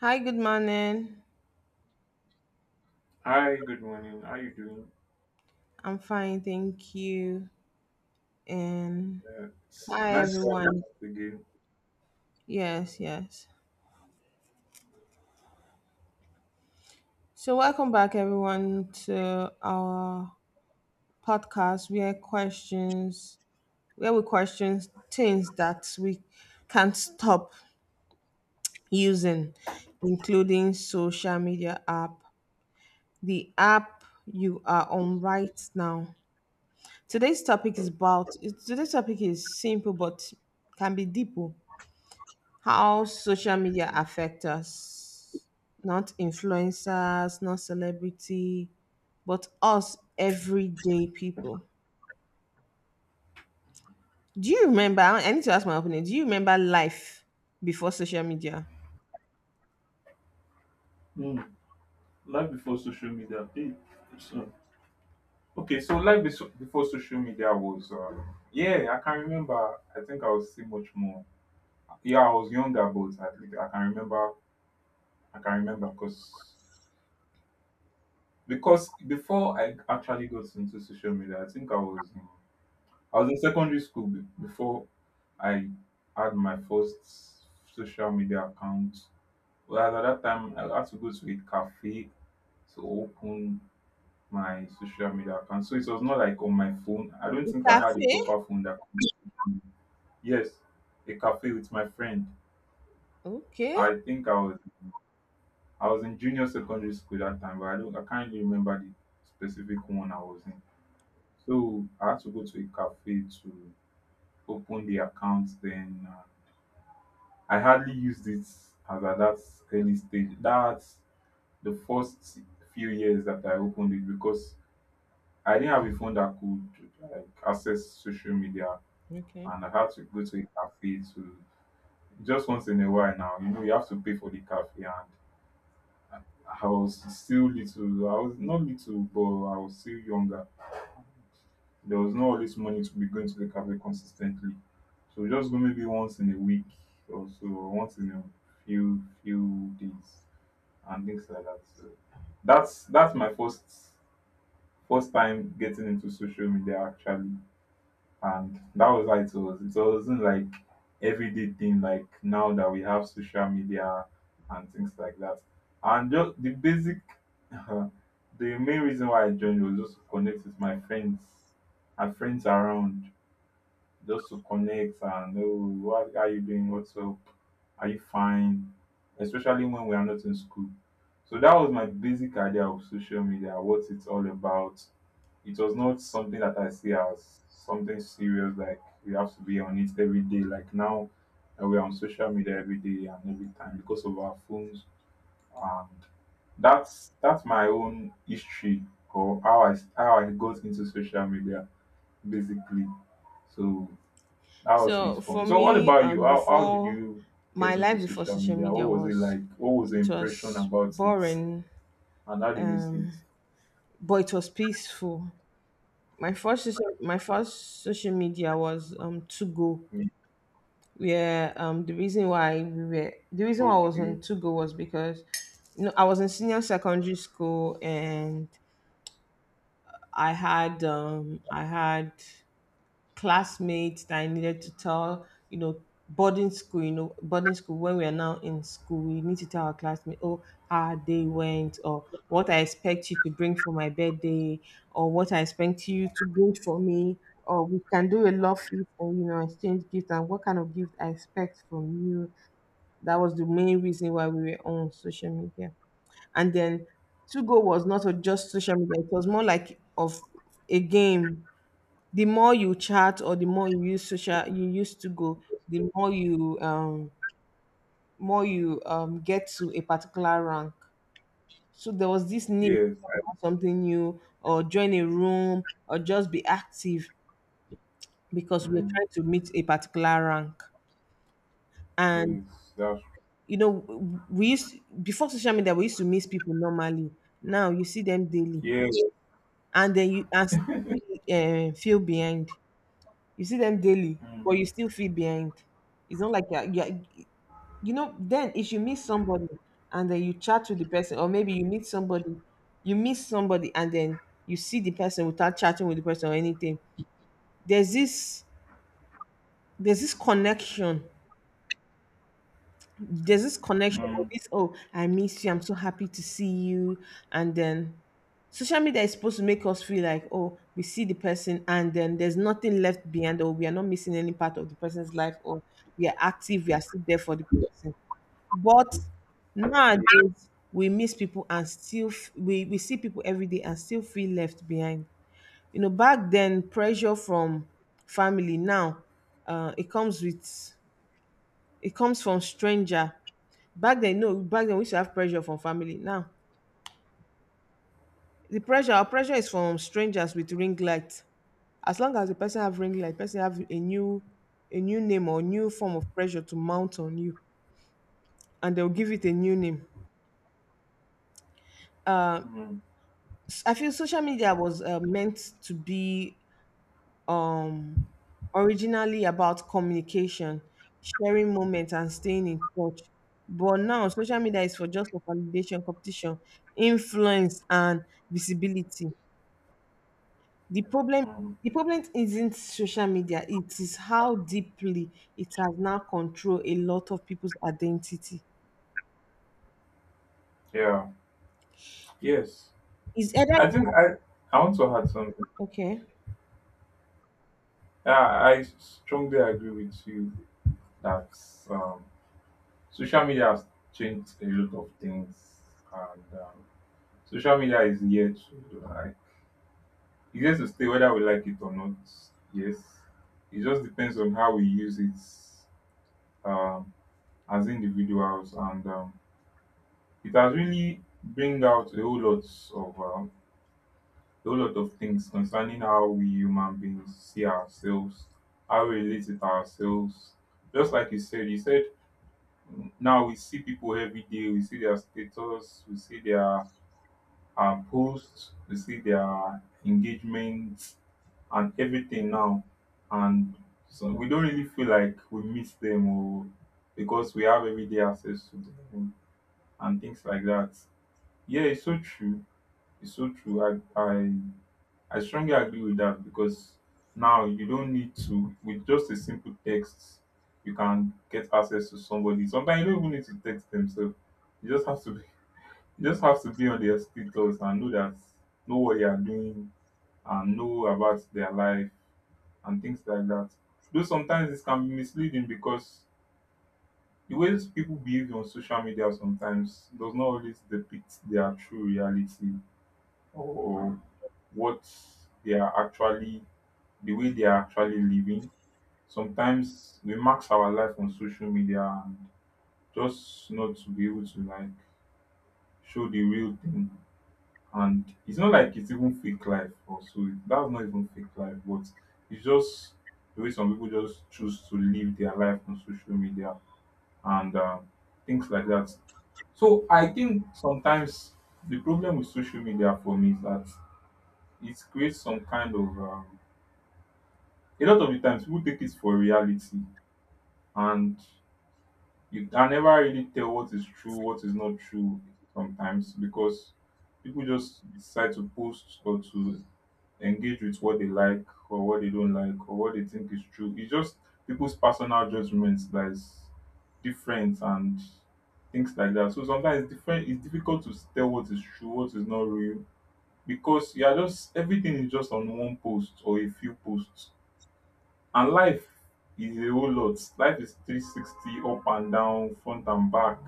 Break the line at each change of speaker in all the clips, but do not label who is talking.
Hi, good morning.
Hi, good morning. How you doing?
I'm fine, thank you. And
It's
hi,
nice to have you
everyone.
once again.
Yes. So, welcome back, everyone, to our podcast where we question things that we can't stop using, including social media app, the app you are on right now. Today's topic is about, Today's topic is simple but can be deep. Oh, how social media affect us, not influencers, not celebrity, but us everyday people. Do you remember, I need to ask my opinion, do you remember life before social media?
Hmm, life before social media. Hey, so- okay, so life before social media was, yeah, I can remember. I think I was still much more. Yeah, I was younger, but I think I can remember. I can remember because before I actually got into social media, I think I was in secondary school before I had my first social media account. Whereas at that time, I had to go to a cafe to open my social media account. So it was not like on my phone. I don't think I
A
had a
cafe?
proper phone that could. Yes, a cafe with my friend.
Okay.
I think I was in junior secondary school that time, but I can't really remember the specific one I was in. So I had to go to a cafe to open the account. Then I hardly used it as at that early stage. That's the first few years that I opened it because I didn't have a phone that could like access social media,
Okay,
and I had to go to a cafe to just once in a while now. You know, you have to pay for the cafe, and I was still little. I was not little, but I was still younger. There was not all this money to be going to the cafe consistently. So just go maybe once in a week or so, or once in a few days and things like that. So that's my first time getting into social media actually, and that was how it was. It wasn't like everyday thing like now that we have social media and things like that, and just the basic the main reason why I joined was just to connect with my friends and friends around, just to connect and oh, what are you doing? What's up? Are you fine? Especially when we are not in school. So that was my basic idea of social media, what it's all about. It was not something that I see as something serious, like we have to be on it every day. Like now, we're on social media every day and every time because of our phones. And that's my own history, or how I got into social media, basically. So that was it
so
for
for
me. So what
me,
about you? How did
before,
you get
my
into
life before
social
social
media? What
media
was it
was,
like? What was the
it
impression
was
about it?
boring,
And how did you see it?
um but it was peaceful. My first social media was, to go
Mm.
Yeah, the reason why I was
Okay.
on Togo was because, you know, I was in senior secondary school and I had, I had classmates that I needed to tell, you know, boarding school, you know, boarding school. When we are now in school, we need to tell our classmates, oh, how they went, or what I expect you to bring for my birthday, or what I expect you to bring for me, or we can do a love feast and, you know, exchange gifts and what kind of gift I expect from you. That was the main reason why we were on social media. And then Tugo was not a- just social media, it was more like of a game. The more you chat or the more you use social, you use to, the more you get to a particular rank. So there was this need to
Yes.
talk about something new or join a room or just be active because we were
Mm,
trying to meet a particular rank. And
yes. That's
you know, we used, before social media, we used to miss people normally. Now you see them daily,
yes.
and then you and still feel behind. You see them daily, but
Mm.
you still feel behind. It's not like you're, you know. Then if you meet somebody and then you chat to the person, or maybe you meet somebody and then you see the person without chatting with the person or anything. There's this, there's this connection, there's this connection of
Mm.
this, oh, I miss you, I'm so happy to see you. And then social media is supposed to make us feel like, oh, we see the person and then there's nothing left behind, or we are not missing any part of the person's life, or we are active, we are still there for the person. But
Yeah.
nowadays we miss people and still f- we see people every day and still feel left behind. You know, back then pressure from family, now it comes with, it comes from stranger. Back then, no, back then we used to have pressure from family. Now, the pressure, our pressure is from strangers with ring light. As long as the person have ring light, person have a new name or new form of pressure to mount on you, and they'll give it a new name. Uh,
Mm.
I feel social media was meant to be um originally about communication, sharing moments, and staying in touch. But now, social media is for just for validation, competition, influence, and visibility. The problem,
Mm.
the problem isn't social media, it is how deeply it has now controlled a lot of people's identity.
Yeah. Yes.
Is either
I think I want to add something.
okay.
Yeah, I strongly agree with you that um, social media has changed a lot of things, and social media is here to. Like, it gets to stay whether we like it or not. Yes. It just depends on how we use it, um, as individuals, and it has really bring out a whole lot of a whole lot of things concerning how we human beings see ourselves, how we relate with ourselves. Just like you said mm, now we see people every day. We see their status. We see their posts. We see their engagement and everything now, and so we don't really feel like we miss them, or because we have everyday access to them and things like that. Yeah, it's so true. It's so true. I strongly agree with that because now you don't need to with just a simple text you can get access to somebody. Sometimes you don't even need to text themselves. you just have to be, you just have to be on their status and know that know what they are doing and know about their life and things like that. Though sometimes this can be misleading because the way people behave on social media sometimes does not always depict their true reality, or what they are actually the way they are actually living. Sometimes we max our life on social media and just not to be able to like show the real thing. And it's not like it's even fake life also. That's not even fake life, but it's just the way some people just choose to live their life on social media, and things like that. So I think sometimes the problem with social media for me is that it creates some kind of a lot of the times people take it for reality, and you can never really tell what is true, what is not true sometimes, because people just decide to post or to engage with what they like, or what they don't like, or what they think is true. It's just people's personal judgments that is different and things like that. So sometimes it's different. It's difficult to tell what is true, what is not real, because you are just everything is just on one post or a few posts, and life is a whole lot. Life is 360 up and down, front and back,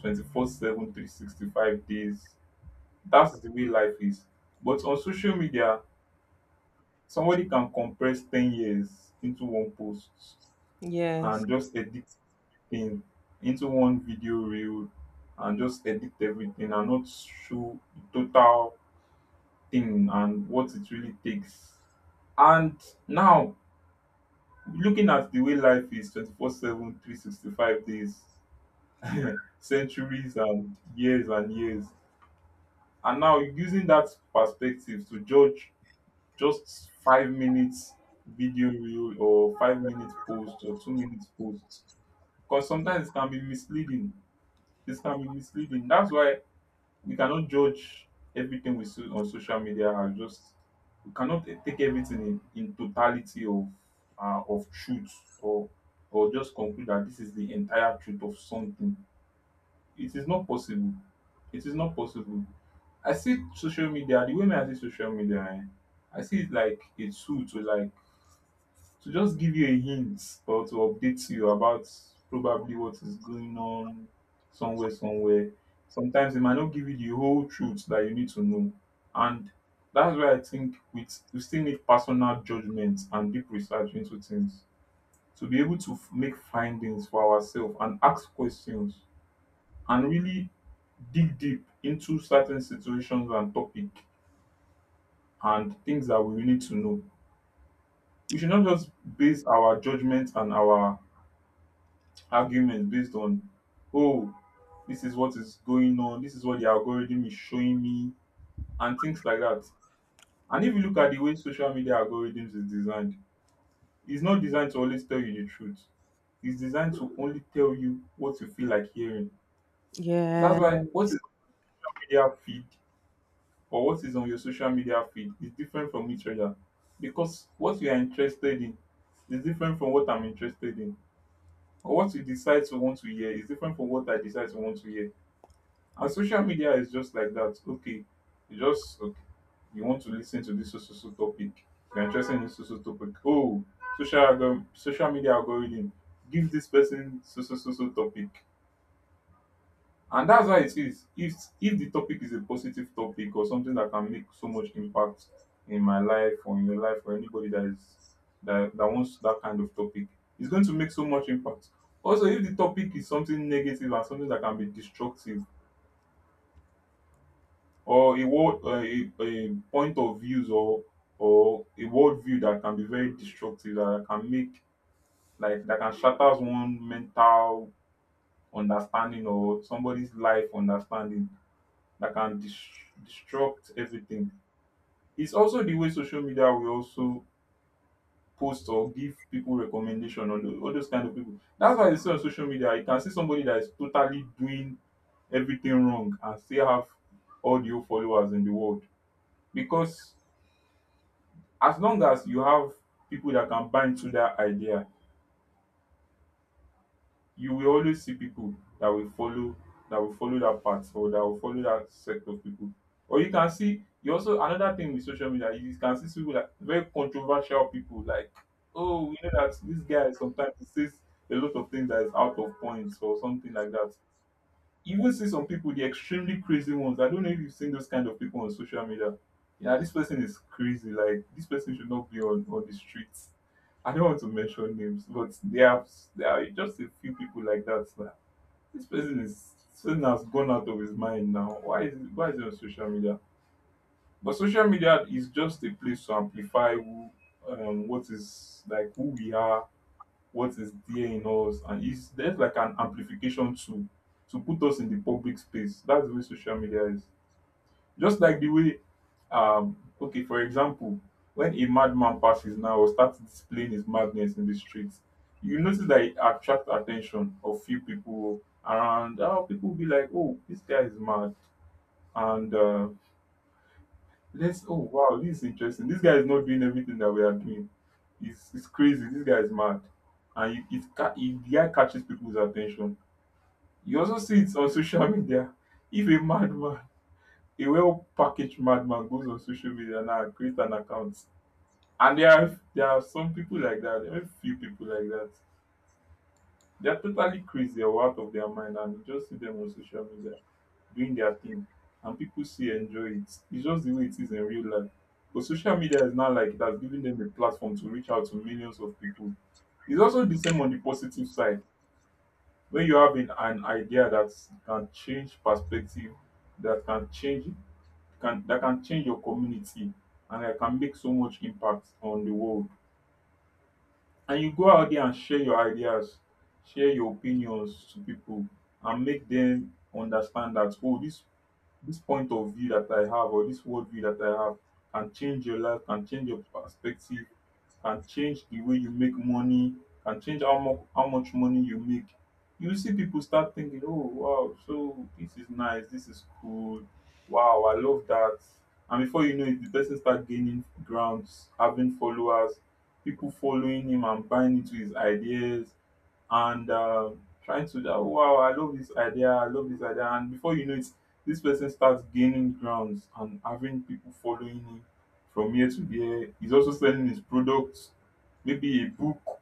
24/7, 365 days. That's the way life is. But on social media, somebody can compress 10 years into one post
Yes.
and just edit thing into one video reel, and just edit everything and not show the total thing and what it really takes. And now, looking at the way life is 24/7, 365 days, centuries and years and years. And now, using that perspective to judge just 5 minutes video reel or 5 minute post or 2 minutes post, because sometimes it can be misleading. It can be misleading. That's why we cannot judge everything we see on social media, and just we cannot take everything in totality of truth, or or just conclude that this is the entire truth of something. It is not possible. It is not possible. I see social media the way me I see social media eh, I see it like a tool to like to just give you a hint or to update you about probably what is going on somewhere, somewhere. Sometimes it might not give you the whole truth that you need to know. And that's why I think we still need personal judgment and deep research into things to be able to make findings for ourselves and ask questions, and really dig deep into certain situations and topic and things that we really need to know. We should not just base our judgment and our arguments based on, oh, this is what is going on, this is what the algorithm is showing me, and things like that. And if you look at the way social media algorithms is designed, it's not designed to always tell you the truth. It's designed to only tell you what you feel like hearing. That's why what is
Yes.
on media feed or what is on your social media feed is different from each other. Because what you are interested in is different from what I'm interested in. Or what you decide to want to hear is different from what I decide to want to hear. And social media is just like that. Okay, you just okay, you want to listen to this so so so topic. You're interested in this so so topic. Oh, social algorithms, social media algorithm. Give this person so so so so topic. And that's why it is. If the topic is a positive topic or something that can make so much impact in my life or in your life, or anybody that is that wants that kind of topic, it's going to make so much impact. Also, if the topic is something negative and something that can be destructive, or a world a point of views, or a worldview that can be very destructive, that can make like that can shatter one mental understanding or somebody's life understanding, that can disrupt everything. It's also the way social media will also post or give people recommendation on all those kind of people. That's why you see on social media, you can see somebody that is totally doing everything wrong and still have all the followers in the world, because as long as you have people that can buy into dat idea, you will always see people that will follow, that will follow dat path, or that will follow dat sect of people. Or you can see you also another thing with social media, you can see people that very controversial people like oh we know dat dis guy sometimes he says a lot of things that is out of point or something like dat. You even see some people, the extremely crazy ones. I don't know if you've seen those kind of people on social media. Yeah, this person is crazy. Like, this person should not be on the streets. I don't want to mention names, but there are just a few people like that. Like, this person has gone out of his mind now. Why is he on social media? But social media is just a place to amplify who, what is like who we are, what is there in us, and it's there's like an amplification tool to put us in the public space. That's the way social media is. Just like the way okay, for example, when a madman passes now or starts displaying his madness in the streets, you notice that it attracts attention of few people around. People will be like, oh, this guy is mad, and let's, oh wow, this is interesting. This guy is not doing everything that we are doing. It's crazy. This guy is mad, and you, it ca- it the guy catches people's attention. You also see it on social media. If a madman, a well packaged madman, goes on social media now and creates an account, and there are some people like that. There are a few people like that. They are totally crazy or out of their mind, and you just see them on social media, doing their thing, and people still enjoy it. It's just the way it is in real life. But social media is now like, that's giving them a platform to reach out to millions of people. It's also the same on the positive side. When you have an idea that can change perspective, that can change, can that can change your community, and that can make so much impact on the world. And you go out there and share your ideas, share your opinions to people, and make them understand that, oh, this point of view that I have or this worldview that I have can change your life, can change your perspective, can change the way you make money, can change how much money you make. You see people start thinking, oh wow, so this is nice, this is cool, wow, I love that. And before you know it, the person start gaining grounds, having followers, people following him and buying into his ideas, and trying to, oh, wow, I love this idea, and before you know it, this person starts gaining grounds and having people following him. From here to there, he's also selling his products, maybe a book,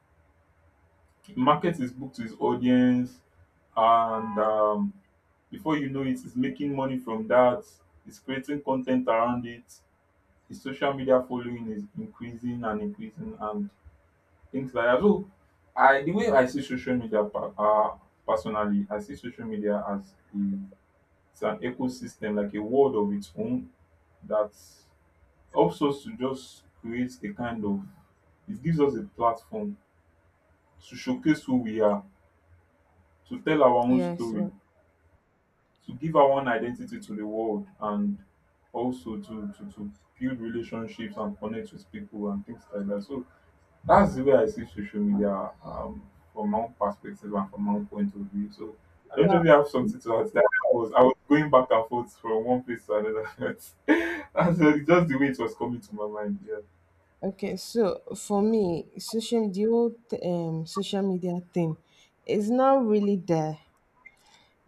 market his book to his audience, and before you know it, he's making money from that. He's creating content around it. His social media following is increasing and increasing and things like that. So, I the way I see social media personally, I see social media as, it's an ecosystem, like a world of its own, that helps us to just create a kind of, it gives us a platform to showcase who we are, to tell our own
Yes.
story,
Yeah.
to give our own identity to the world, and also to build relationships and connect with people and things like that. So that's the way I see social media, from my own perspective and from my own point of view. So I don't know if you
Well,
have something to add. To That, I was going back and forth from one place to another. That's just the way it was coming to my mind. Yeah.
okay. So for me, social, the old social media thing is not really there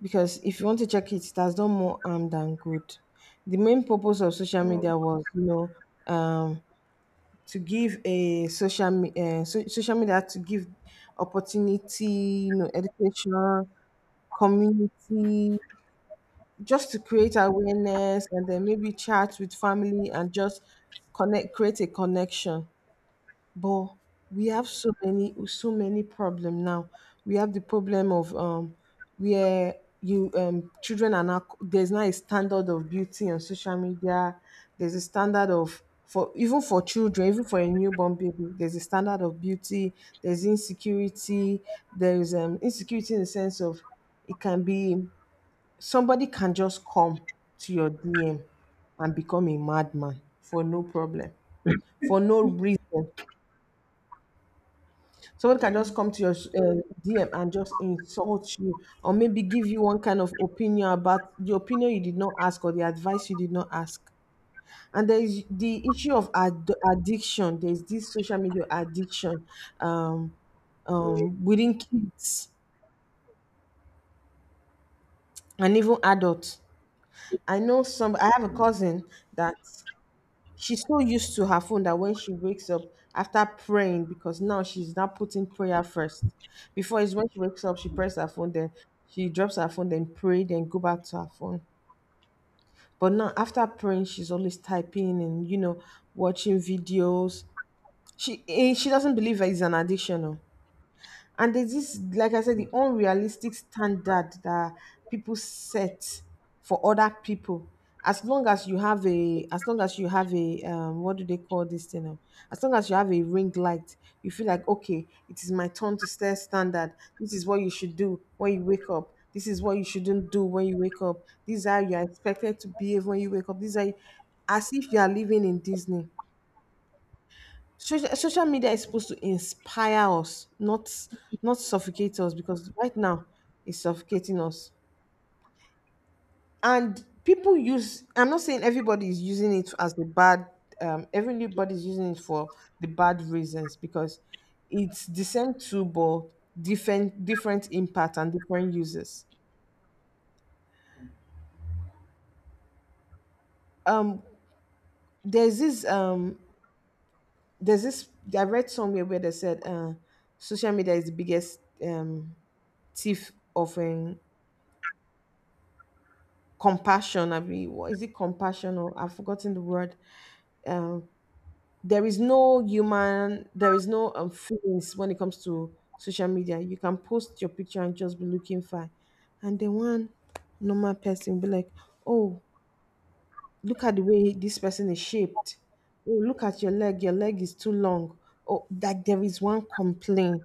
because if you want to check it, it has done more harm than good. The main purpose of social
Mm.
media was, you know, um to give a social, social media to give opportunity, you know, education, community, just to create awareness and then maybe chat with family and just connect, create a connection. But we have so many, so many problem now. We have the problem of, where you children are now, there's now a standard of beauty on social media. There's a standard of, for even for children, even for a newborn baby, there's a standard of beauty. There's insecurity. There's insecurity in the sense of it can be, somebody can just come to your DM and become a madman for no problem, for no reason. Someone can just
Mm.
come to your DM and just insult you, or maybe give you one kind of opinion about the opinion you did not ask or the advice you did not ask. And there is the issue of ad- addiction. There's this social media addiction, um,
Yeah.
within kids and even adults. I know some. I have a cousin that, she's so used to her phone that when she wakes up after praying, because now she's not putting prayer first. Before is when she wakes up, she press her phone, then she drops her phone, then pray, then go back to her phone. But now after praying, she's always typing and, you know, watching videos. She eh, she doesn't believe it's an addiction. Oh, and there's this, like I said, the unrealistic standard that people set for other people. As long as you have a, as long as you have a what do they call this thing now? As long as you have a ring light, you feel like, okay, it is my turn to set standard. This is what you should do when you wake up, this is what you shouldn't do when you wake up, these are, you are expected to behave when you wake up, these are, as if you are living in Disney. Social, social media is supposed to inspire us, not, not suffocate us, because right now it's suffocating us. And people use, I'm not saying everybody is using it as a bad, everybody is using it for the bad reasons, because it's the same tool but different, different impact and different uses. Um there's this um there's this, I read somewhere where they said social media is the biggest thief of compassion. I mean, what is it, compassion? Or I've forgotten the word. um there is no human, there is no feelings when it comes to social media. You can post your picture and just be looking fine, and then one normal person be like, oh, look at the way this person is shaped. Oh, look at your leg, your leg is too long. Oh, that, there is one complaint.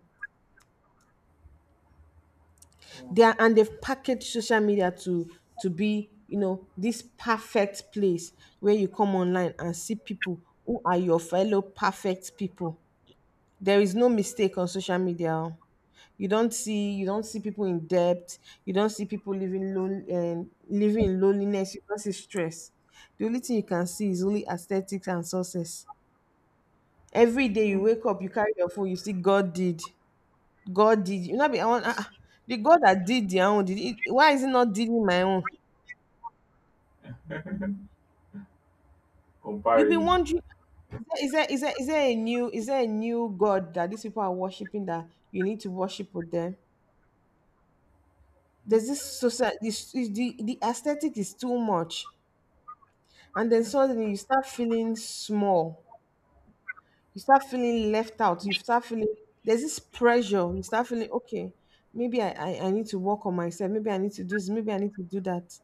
They are, and they've packaged social media to be, you know, this perfect place where you come online and see people who are your fellow perfect people. There is no mistake on social media, oh. You don't see, you don't see people in debt. You don't see people living lone, living in loneliness. You don't see stress. The only thing you can see is only aesthetics and success. Every day you
Mm.
wake up, you carry your phone, you see God did. God did, you know, be I want, ah, ah, the God that did their own did it, why is it not dealing my own? You've been
Comparison.
wondering, is there, is there, is there a new, is there a new God that these people are worshiping that you need to worship with them?
Mm.
There's this society, this, is the aesthetic is too much, and then
Yeah.
suddenly you start feeling small. You start feeling left out. You start feeling, there's this pressure. You start feeling, okay, maybe I need to work on myself. Maybe I need to do this. Maybe I need to do that.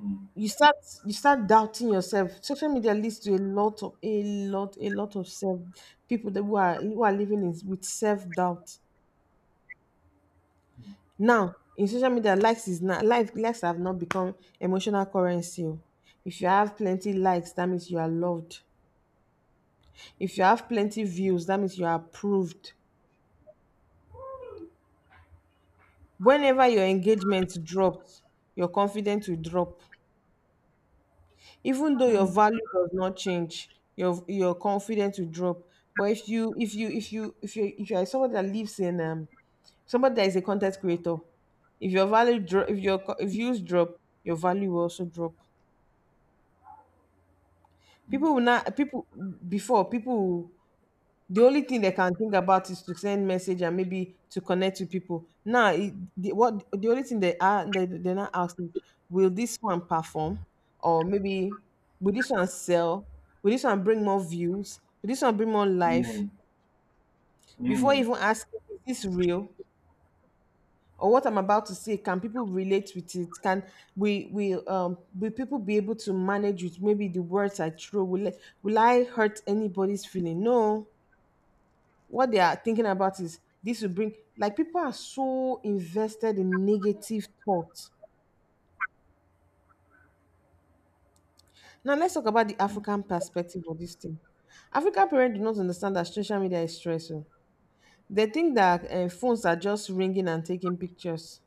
Mm. Mm.
You start, you start doubting yourself. Social media leads to a lot of a lot, a lot of self, people that who are, who are living in, with self-doubt. Now in social media, likes is not life, likes have not become emotional currency, o. If you have plenty likes, that means you are loved. If you have plenty views, that means you are approved. Whenever your engagement drops, your confidence will drop. Even though your value does not change, your confidence will drop. But if you, if you are someone that lives in somebody that is a content creator, if your value drop, if your co- if views drop, your value will also drop. People will not, people, before people, the only thing they can think about is to send message and maybe to connect with people. Now, it, the, what the only thing they are, they're not asking, will this one perform, or maybe will this one sell? Will this one bring more views? Will this one bring more
Mm.
life?
Mm.
Before
Mm.
even asking, is this real? Or what I'm about to say, can people relate with it? Can we will people be able to manage with maybe the words I throw? Will I hurt anybody's feeling? No. What they are thinking about is this will bring, like people are so invested in negative thoughts. Now let's talk about the
Mm.
African perspective of this thing. African parents do not understand that social media is stressful. They think that phones are just ringing and taking pictures.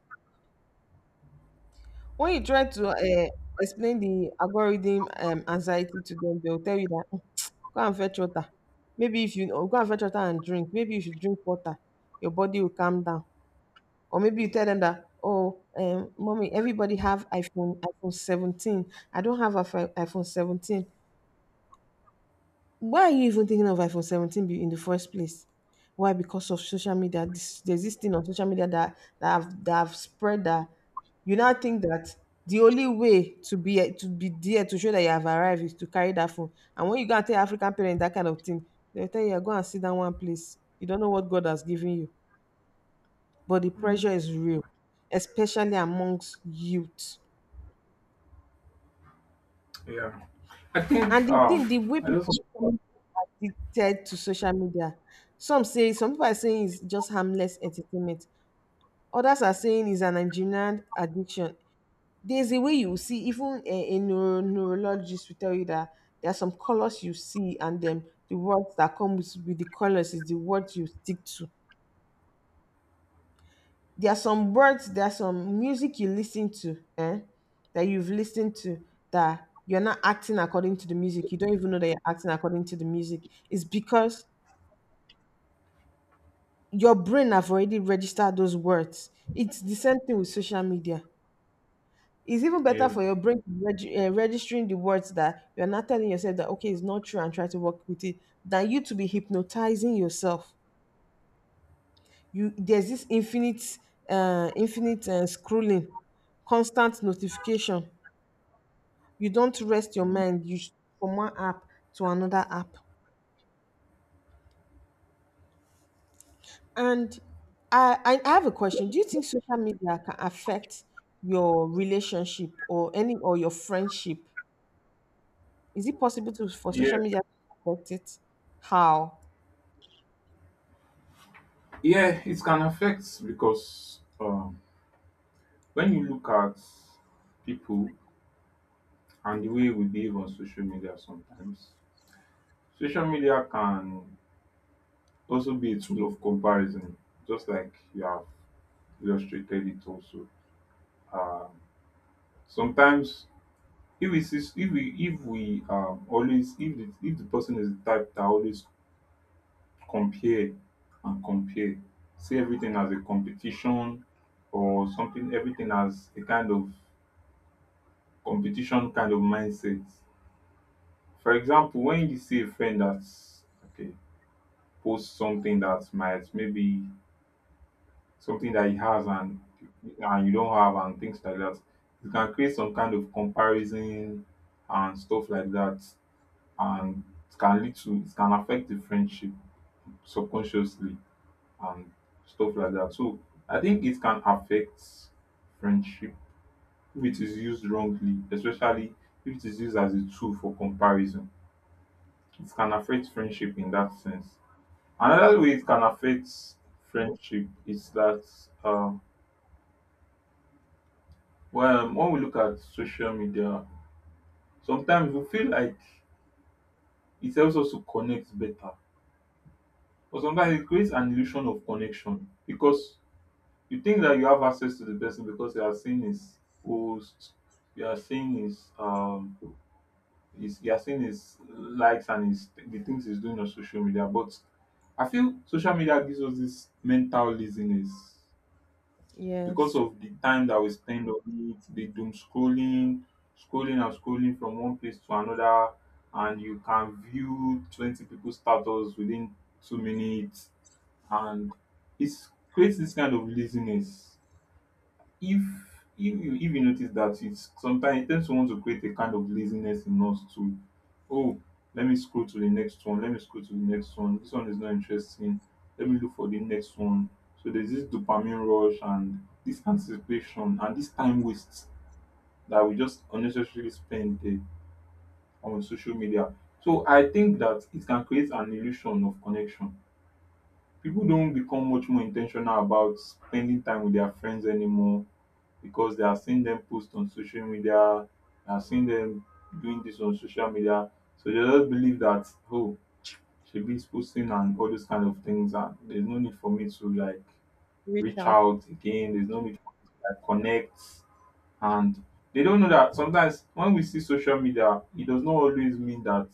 When you try to explain the algorithm anxiety to them, they'll tell you that, "Mm, go and fetch water. Maybe if you or go and fetch water and drink, maybe you should drink water. Your body will calm down." Or maybe you tell them that, oh, mommy, everybody have iPhone 17. I don't have iPhone 17. Why are you even thinking of iPhone 17 be- in the first place? Why? Because of social media. This, there's this thing on social media that that have spread, that you now think that the only way to be, to be there, to show that you have arrived is to carry that phone. And when you go and tell African parents that kind of thing, they'll tell you, "Yeah, go and sit down one place. You don't know what God has given you." But the
Mm.
pressure is real, especially amongst youth.
Yeah. I
And
think
the thing, the way
I
people
just
are becoming addicted to social media, some say, some people are saying it's just harmless entertainment. Others are saying it's an engineered addiction. There's a way you see, even a neuro, neurologist will tell you that there are some colors you see, and then the words that come with the colors is the words you stick to. There are some words, there are some music you listen to, eh, that you've listened to, that you're not acting according to the music. You don't even know that you're acting according to the music. It's because your brain have already registered those words. It's the same thing with social media. It's even better
yeah.
for your brain to reg- registering the words that you're not telling yourself that okay, it's not true and try to work with it than you to be hypnotizing yourself. You, there's this infinite, infinite scrolling, constant notification. You don't rest your
Mm.
mind, you sh- from one app to another app. And I have a question. Do you think social media can affect your relationship or any or your friendship? Is it possible to, for
Yeah.
social media to affect it? How?
Yeah, it can affect, because when you look at people and the way we behave on social media sometimes, social media can also be a tool of comparison, just like you have illustrated it also. Um, Sometimes, if we always, if the person is the type that always compare and compare, see everything as a competition or something, everything as a kind of competition kind of mindset. For example, when you see a friend that's okay, post something that might, maybe something that he has and you don't have and things like that, it can create some kind of comparison and stuff like that, and it can affect the friendship subconsciously and stuff like that. So I think it can affect friendship if it is used wrongly, especially if it is used as a tool for comparison. It can affect friendship in that sense. Another way it can affect friendship is that, um, when, we look at social media, sometimes we feel like it helps us to connect better. But sometimes it creates an illusion of connection, because you think that you have access to the person because you are seeing his posts, you are seeing his you are seeing his likes and his the things he's doing on social media. But I feel social media gives us this mental laziness because
Yes,
of the time that we spend on it, the doom scrolling, scrolling and scrolling from one place to another, and you can view 20 people's status within 2 minutes, and it creates this kind of laziness. If if you notice that, it's sometimes it tends to want to create a kind of laziness in us too. Oh, let me scroll to the next one. Let me scroll to the next one. This one is not interesting. Let me look for the next one. So there's this dopamine rush and this anticipation and this time waste that we just unnecessarily spend there on social media. So I think that it can create an illusion of connection. People don't become much more intentional about spending time with their friends anymore because they are seeing them post on social media, they are seeing them doing this on social media. So they just believe that, oh, she be posting and all those kind of things, and there's no need for me to like
reach
reach
out.
out again. There's no need for me to like connect. And they don't know that sometimes when we see social media, it does not always mean that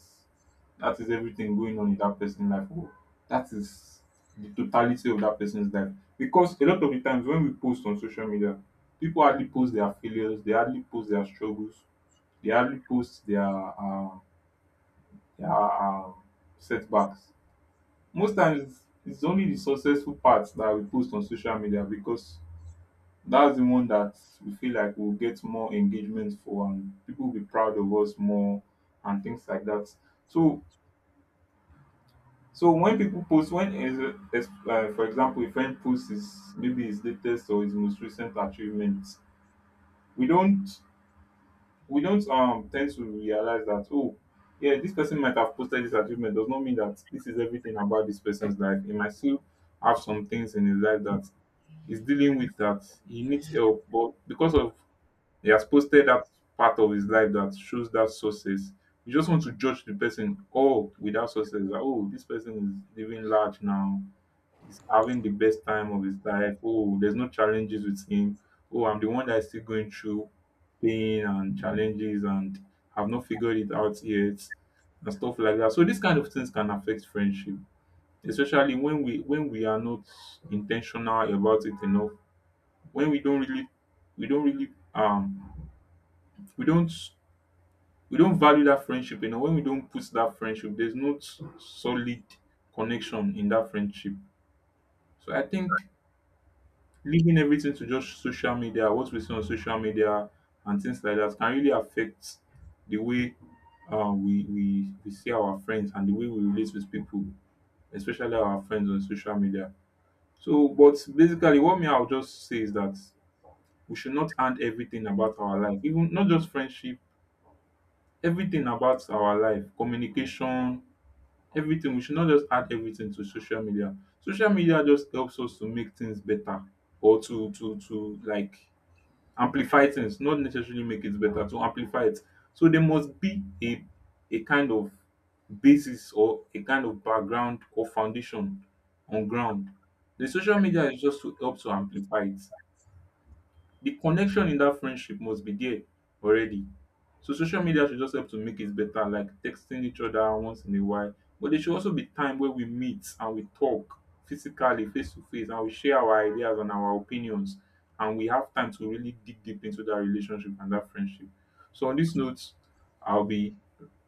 that is everything going on in that person's life, or that is the totality of that person's life. Because a lot of the times when we post on social media, people hardly post their failures, they hardly post their struggles, they hardly post their setbacks. Most times, it's only the successful parts that we post on social media, because that's the one that we feel like we'll get more engagement for and people will be proud of us more and things like that. So, so when people post, for example, a friend posts his, maybe his latest or his most recent achievement, we don't we don't tend to realize that, oh yeah, this person might have posted this achievement, does not mean that this is everything about this person's life. He might still have some things in his life that he's dealing with, that he needs help, but because of, he has posted that part of his life that shows that success, you just want to judge the person all without success. That, oh, this person is living large now. He's having the best time of his life. Oh, there's no challenges with him. Oh, I'm the one that is still going through pain and challenges and have not figured it out yet and stuff like that. So these kind of things can affect friendship, especially when we are not intentional about it enough. When we don't really we don't really um we don't we don't value that friendship enough, when we don't put that friendship, there's no s- solid connection in that friendship. So I think leaving everything to just social media, what we see on social media and things like that can really affect the way, we see our friends and the way we relate with people, especially our friends on social media. So, but basically what me, I'll just say is that we should not hand everything about our life, even not just friendship, everything about our life, communication, everything, we should not just add everything to social media. Social media just helps us to make things better, or to like amplify things, not necessarily make it better, to amplify it. So there must be a kind of basis or a kind of background or foundation on ground. The social media is just to help to amplify it. The connection in that friendship must be there already. So social media should just help to make it better, like texting each other once in a while. But there should also be time where we meet and we talk physically, face to face, and we share our ideas and our opinions. And we have time to really dig deep into that relationship and that friendship. So on this note, I'll be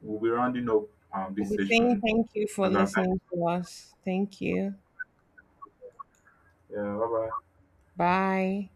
we'll be rounding up,
We'll
this
be saying
session
thank you for
as our time.
listening to us. Thank you.
Yeah, bye bye.
Bye.